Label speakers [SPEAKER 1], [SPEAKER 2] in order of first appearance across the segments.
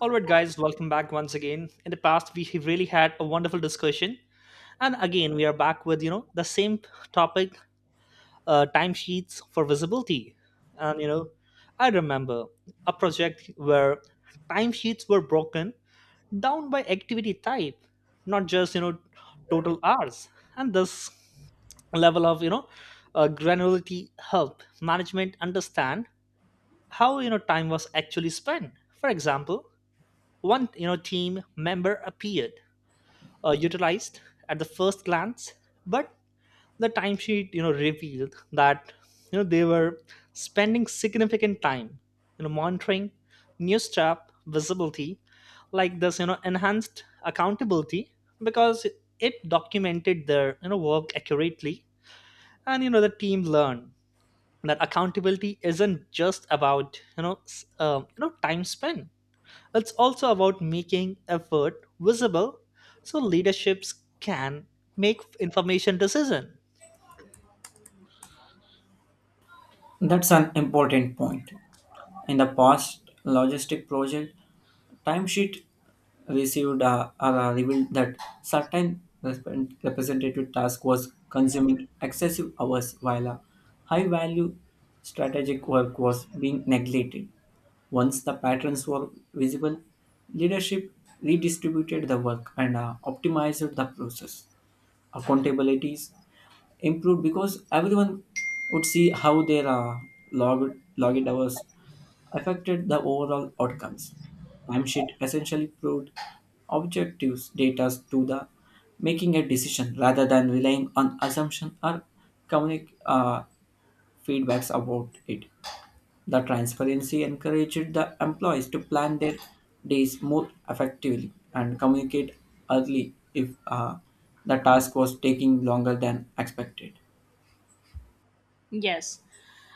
[SPEAKER 1] All right, guys, welcome back once again. In the past, we have really had a wonderful discussion, and again, we are back with the same topic, timesheets for visibility. And you know, I remember a project where timesheets were broken down by activity type, not just total hours. And this level of granularity help management understand how time was actually spent. For example, one team member appeared utilized at the first glance, but the timesheet revealed that they were spending significant time monitoring new staff. Visibility like this enhanced accountability because it documented their work accurately, and the team learned that accountability isn't just about time spent. It's also about making effort visible so leaderships can make information decision.
[SPEAKER 2] That's an important point. In the past logistic project, timesheet received revealed that certain representative task was consuming excessive hours, while a high value strategic work was being neglected. Once the patterns were visible, leadership redistributed the work and optimized the process. Accountabilities improved because everyone would see how their log login hours affected the overall outcomes. Timesheet essentially proved objectives data to the making a decision rather than relying on assumption or communic feedbacks about it. The transparency encouraged the employees to plan their days more effectively and communicate early if the task was taking longer than expected.
[SPEAKER 3] Yes.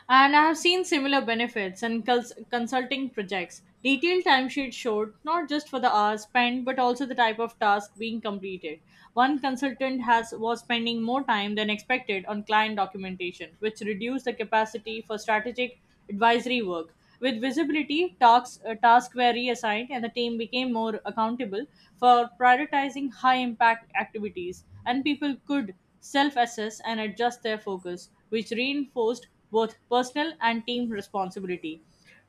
[SPEAKER 3] And I have seen similar benefits in consulting projects. Detailed timesheets showed not just for the hours spent, but also the type of task being completed. One consultant has was spending more time than expected on client documentation, which reduced the capacity for strategic advisory work. With visibility, tasks were reassigned and the team became more accountable for prioritizing high impact activities, and people could self assess and adjust their focus, which reinforced both personal and team responsibility.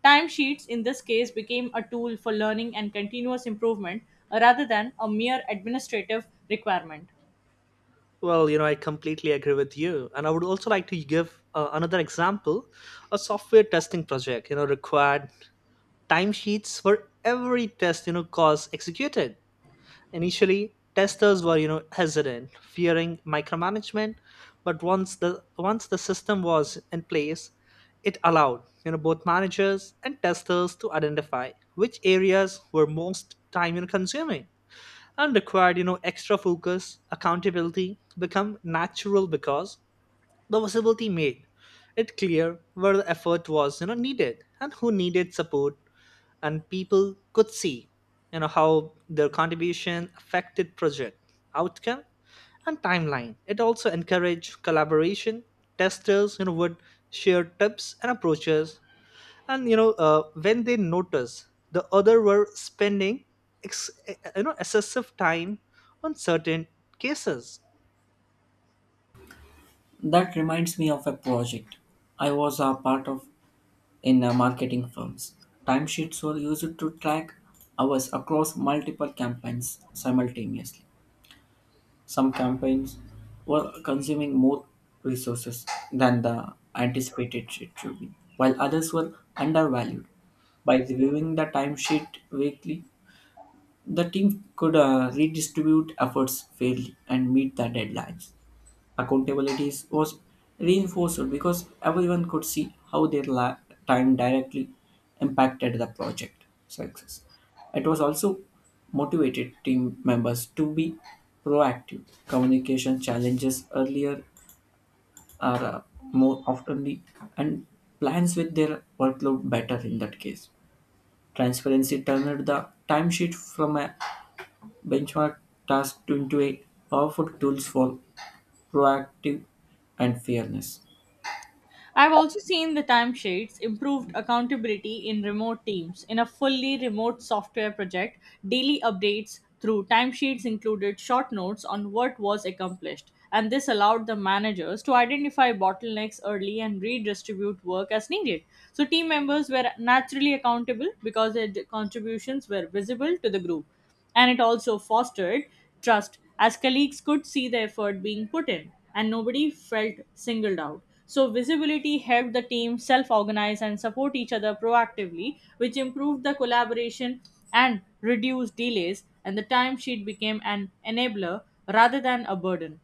[SPEAKER 3] Timesheets in this case became a tool for learning and continuous improvement rather than a mere administrative requirement.
[SPEAKER 1] Well, I completely agree with you. And I would also like to give another example. A software testing project, required timesheets for every test, cause executed. Initially, testers were hesitant, fearing micromanagement, but once the system was in place, it allowed both managers and testers to identify which areas were most time consuming and required extra focus. Accountability become natural because the visibility made it clear where the effort was needed and who needed support, and people could see how their contribution affected project outcome and timeline. It also encouraged collaboration. Testers would share tips and approaches, and when they noticed the other were spending excessive time on certain cases.
[SPEAKER 2] That reminds me of a project I was a part of in marketing firms. Timesheets were used to track hours across multiple campaigns simultaneously. Some campaigns were consuming more resources than the anticipated it should be, while others were undervalued. By reviewing the timesheet weekly, the team could redistribute efforts fairly and meet the deadlines. Accountability was reinforced because everyone could see how their time directly impacted the project success. It was also motivated team members to be proactive. Communication challenges earlier are more oftenly and plans with their workload better in that case. Transparency turned the timesheet from a benchmark task to into a powerful tools for proactive and fairness.
[SPEAKER 3] I've also seen the timesheets improved accountability in remote teams. In a fully remote software project, daily updates through timesheets included short notes on what was accomplished, and this allowed the managers to identify bottlenecks early and redistribute work as needed. So, team members were naturally accountable because their contributions were visible to the group, and it also fostered trust as colleagues could see the effort being put in and nobody felt singled out. So, visibility helped the team self organize and support each other proactively, which improved the collaboration and reduced delays. And the timesheet became an enabler rather than a burden.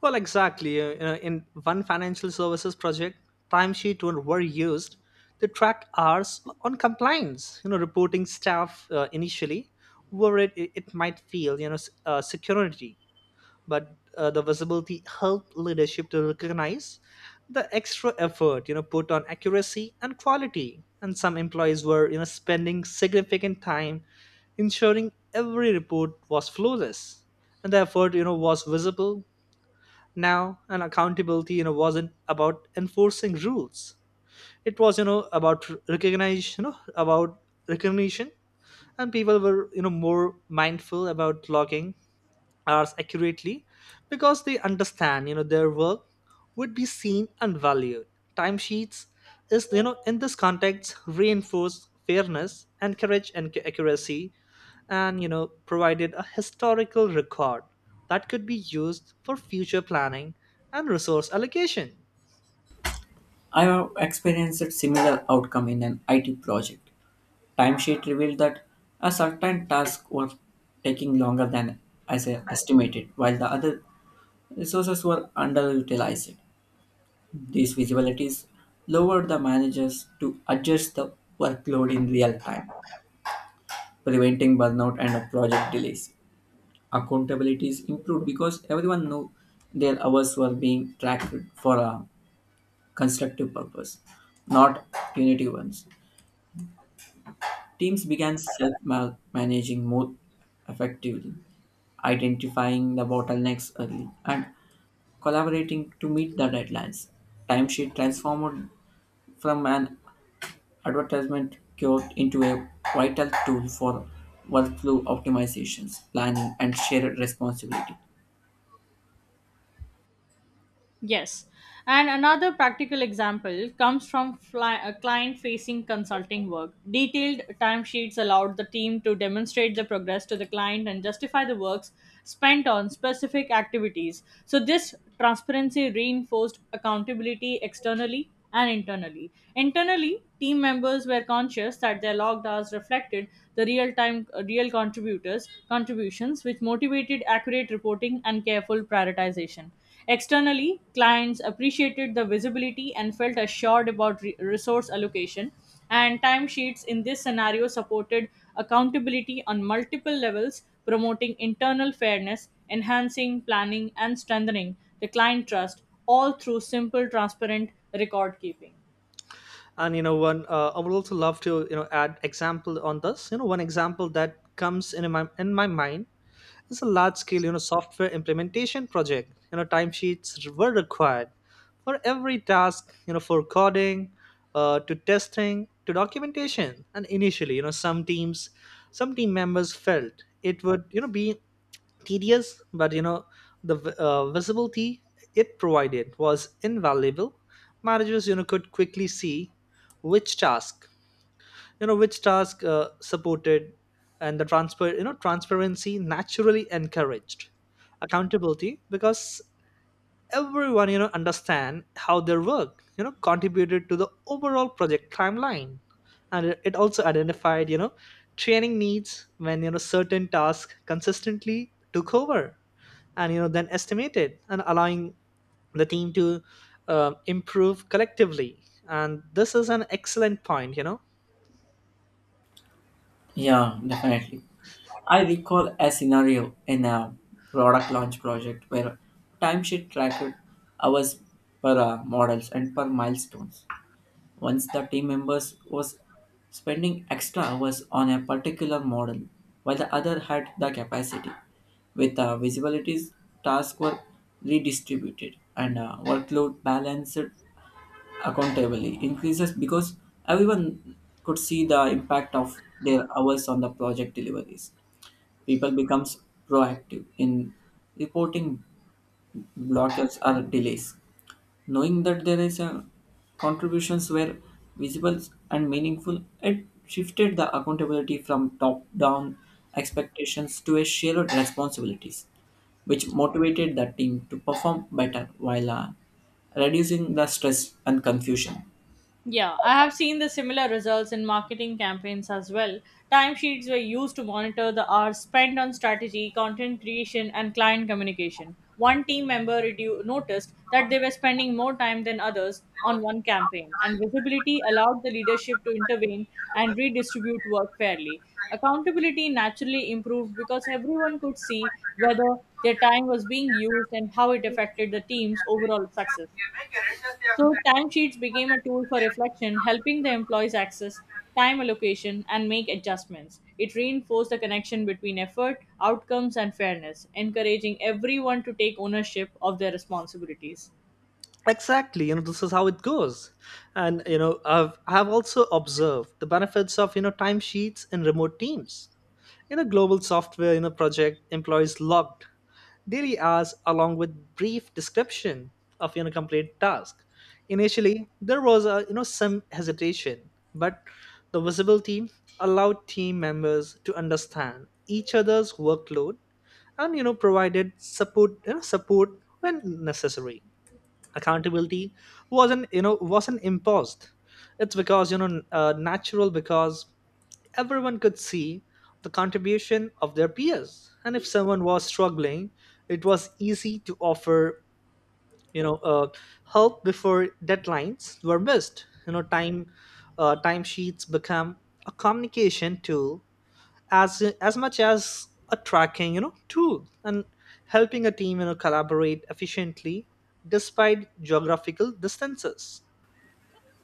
[SPEAKER 1] Well, exactly. In one financial services project, timesheet were used to track hours on compliance. You know, reporting staff initially worried it might feel security, but the visibility helped leadership to recognize the extra effort put on accuracy and quality. And some employees were spending significant time ensuring every report was flawless, and the effort was visible now. And accountability wasn't about enforcing rules. It was about recognition, and people were more mindful about logging hours accurately because they understand their work would be seen and valued. Timesheets is, in this context, reinforce fairness and courage and accuracy, and provided a historical record that could be used for future planning and resource allocation.
[SPEAKER 2] I have experienced a similar outcome in an IT project. Timesheet revealed that a certain task was taking longer than as I estimated, while the other resources were underutilized. These visibilities lowered the managers to adjust the workload in real time, preventing burnout and project delays. Accountability is improved because everyone knew their hours were being tracked for a constructive purpose, not punitive ones. Teams began self managing more effectively, identifying the bottlenecks early, and collaborating to meet the deadlines. Timesheet transformed from an advertisement cure into a vital tool for workflow optimizations, planning, and shared responsibility.
[SPEAKER 3] Yes. And another practical example comes from client facing consulting work. Detailed timesheets allowed the team to demonstrate the progress to the client and justify the works spent on specific activities. So, this transparency reinforced accountability externally and internally. Internally, team members were conscious that their logged hours reflected the real contributors contributions, which motivated accurate reporting and careful prioritization. Externally, clients appreciated the visibility and felt assured about resource allocation, and timesheets in this scenario supported accountability on multiple levels, promoting internal fairness, enhancing planning, and strengthening the client trust, all through simple, transparent record keeping.
[SPEAKER 1] And you know one I would also love to add example on this. One example that comes in my mind is a large scale software implementation project. Timesheets were required for every task, for coding to testing to documentation. And initially some teams some team members felt it would be tedious, but visibility it provided was invaluable. Managers could quickly see which task, supported. And the transfer you know transparency naturally encouraged accountability because everyone understand how their work contributed to the overall project timeline. And it also identified training needs when certain tasks consistently took over and then estimated, and allowing the team to improve collectively. And this is an excellent point.
[SPEAKER 2] Yeah, definitely. I recall a scenario in a product launch project where timesheet tracked hours per models and per milestones. Once the team members was spending extra hours on a particular model, while the other had the capacity. With the visibilities, tasks were redistributed and workload balanced. Accountably increases because everyone could see the impact of their hours on the project deliveries. People becomes proactive in reporting blockers or delays. Knowing that there is a contributions were visible and meaningful, it shifted the accountability from top-down expectations to a shared responsibilities, which motivated the team to perform better while reducing the stress and confusion.
[SPEAKER 3] Yeah, I have seen the similar results in marketing campaigns as well. Timesheets were used to monitor the hours spent on strategy, content creation, and client communication. One team member noticed that they were spending more time than others on one campaign, and visibility allowed the leadership to intervene and redistribute work fairly. Accountability naturally improved because everyone could see whether their time was being used and how it affected the team's overall success. So, timesheets became a tool for reflection, helping the employees access time allocation and make adjustments. It reinforced the connection between effort, outcomes, and fairness, encouraging everyone to take ownership of their responsibilities.
[SPEAKER 1] This is how it goes. And I've also observed the benefits of timesheets in remote teams. In a global software project, employees logged daily hours along with brief description of your complete task. Initially, there was a, you know some hesitation, but the visibility allowed team members to understand each other's workload and provided support support when necessary. Accountability wasn't imposed. It's because natural because everyone could see the contribution of their peers, and if someone was struggling, it was easy to offer you know uh, help before deadlines were missed. Timesheets become a communication tool as much as a tracking tool, and helping a team collaborate efficiently despite geographical distances.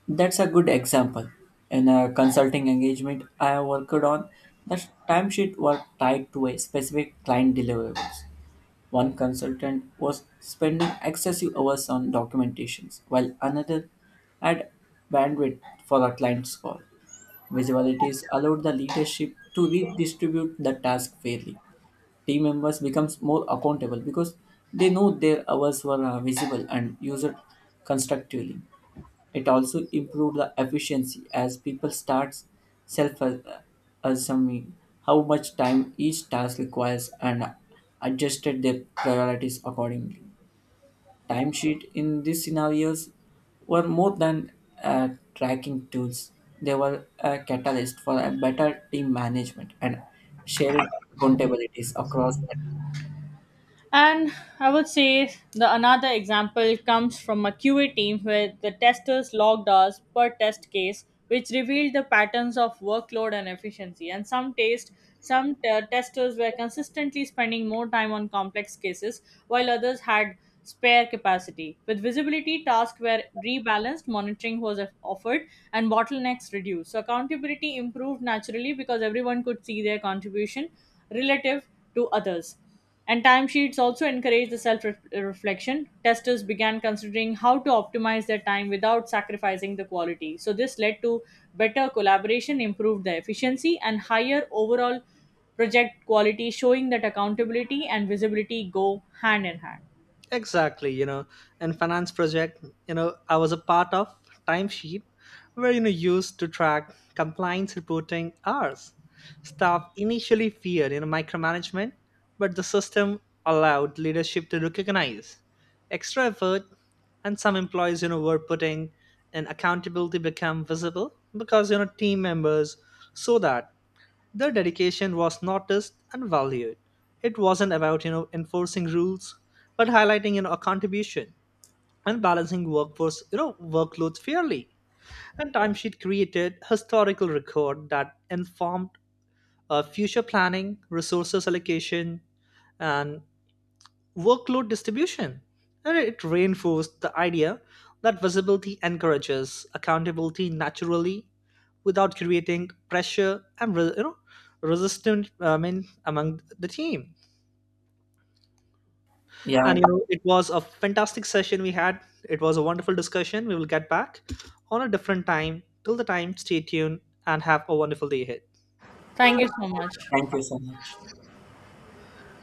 [SPEAKER 2] That's a good example. In a consulting engagement I worked on, the timesheet were tied to a specific client deliverables. One consultant was spending excessive hours on documentations, while another had bandwidth for a client's call. Visualities allowed the leadership to redistribute the task fairly. Team members becomes more accountable because they know their hours were visible and used constructively. It also improved the efficiency as people starts self-assuming how much time each task requires and adjusted their priorities accordingly. Timesheet in these scenarios were more than uh, tracking tools. They were a catalyst for a better team management and shared accountabilities across the team.
[SPEAKER 3] And I would say the another example comes from a QA team where the testers logged hours per test case, which revealed the patterns of workload and efficiency. And some testers were consistently spending more time on complex cases, while others had spare capacity. With visibility, tasks were rebalanced, monitoring was offered, and bottlenecks reduced. So accountability improved naturally because everyone could see their contribution relative to others. And timesheets also encourage the self reflection. Testers began considering how to optimize their time without sacrificing the quality. So, this led to better collaboration, improved the efficiency, and higher overall project quality, showing that accountability and visibility go hand in hand.
[SPEAKER 1] Exactly, and finance project, I was a part of. Timesheet where used to track compliance reporting hours. Staff initially feared micromanagement, but the system allowed leadership to recognize extra effort, and some employees were putting. And accountability become visible because team members saw that their dedication was noticed and valued. It wasn't about enforcing rules, but highlighting a contribution and balancing workforce workloads fairly. And timesheet created historical record that informed future planning, resources allocation, and workload distribution. And it reinforced the idea that visibility encourages accountability naturally without creating pressure and resistance, I mean, among the team.
[SPEAKER 2] Yeah,
[SPEAKER 1] And it was a fantastic session we had. It was a wonderful discussion. We will get back on a different time. Till the time, stay tuned and have a wonderful day ahead.
[SPEAKER 3] Thank you so much.
[SPEAKER 2] thank you so much.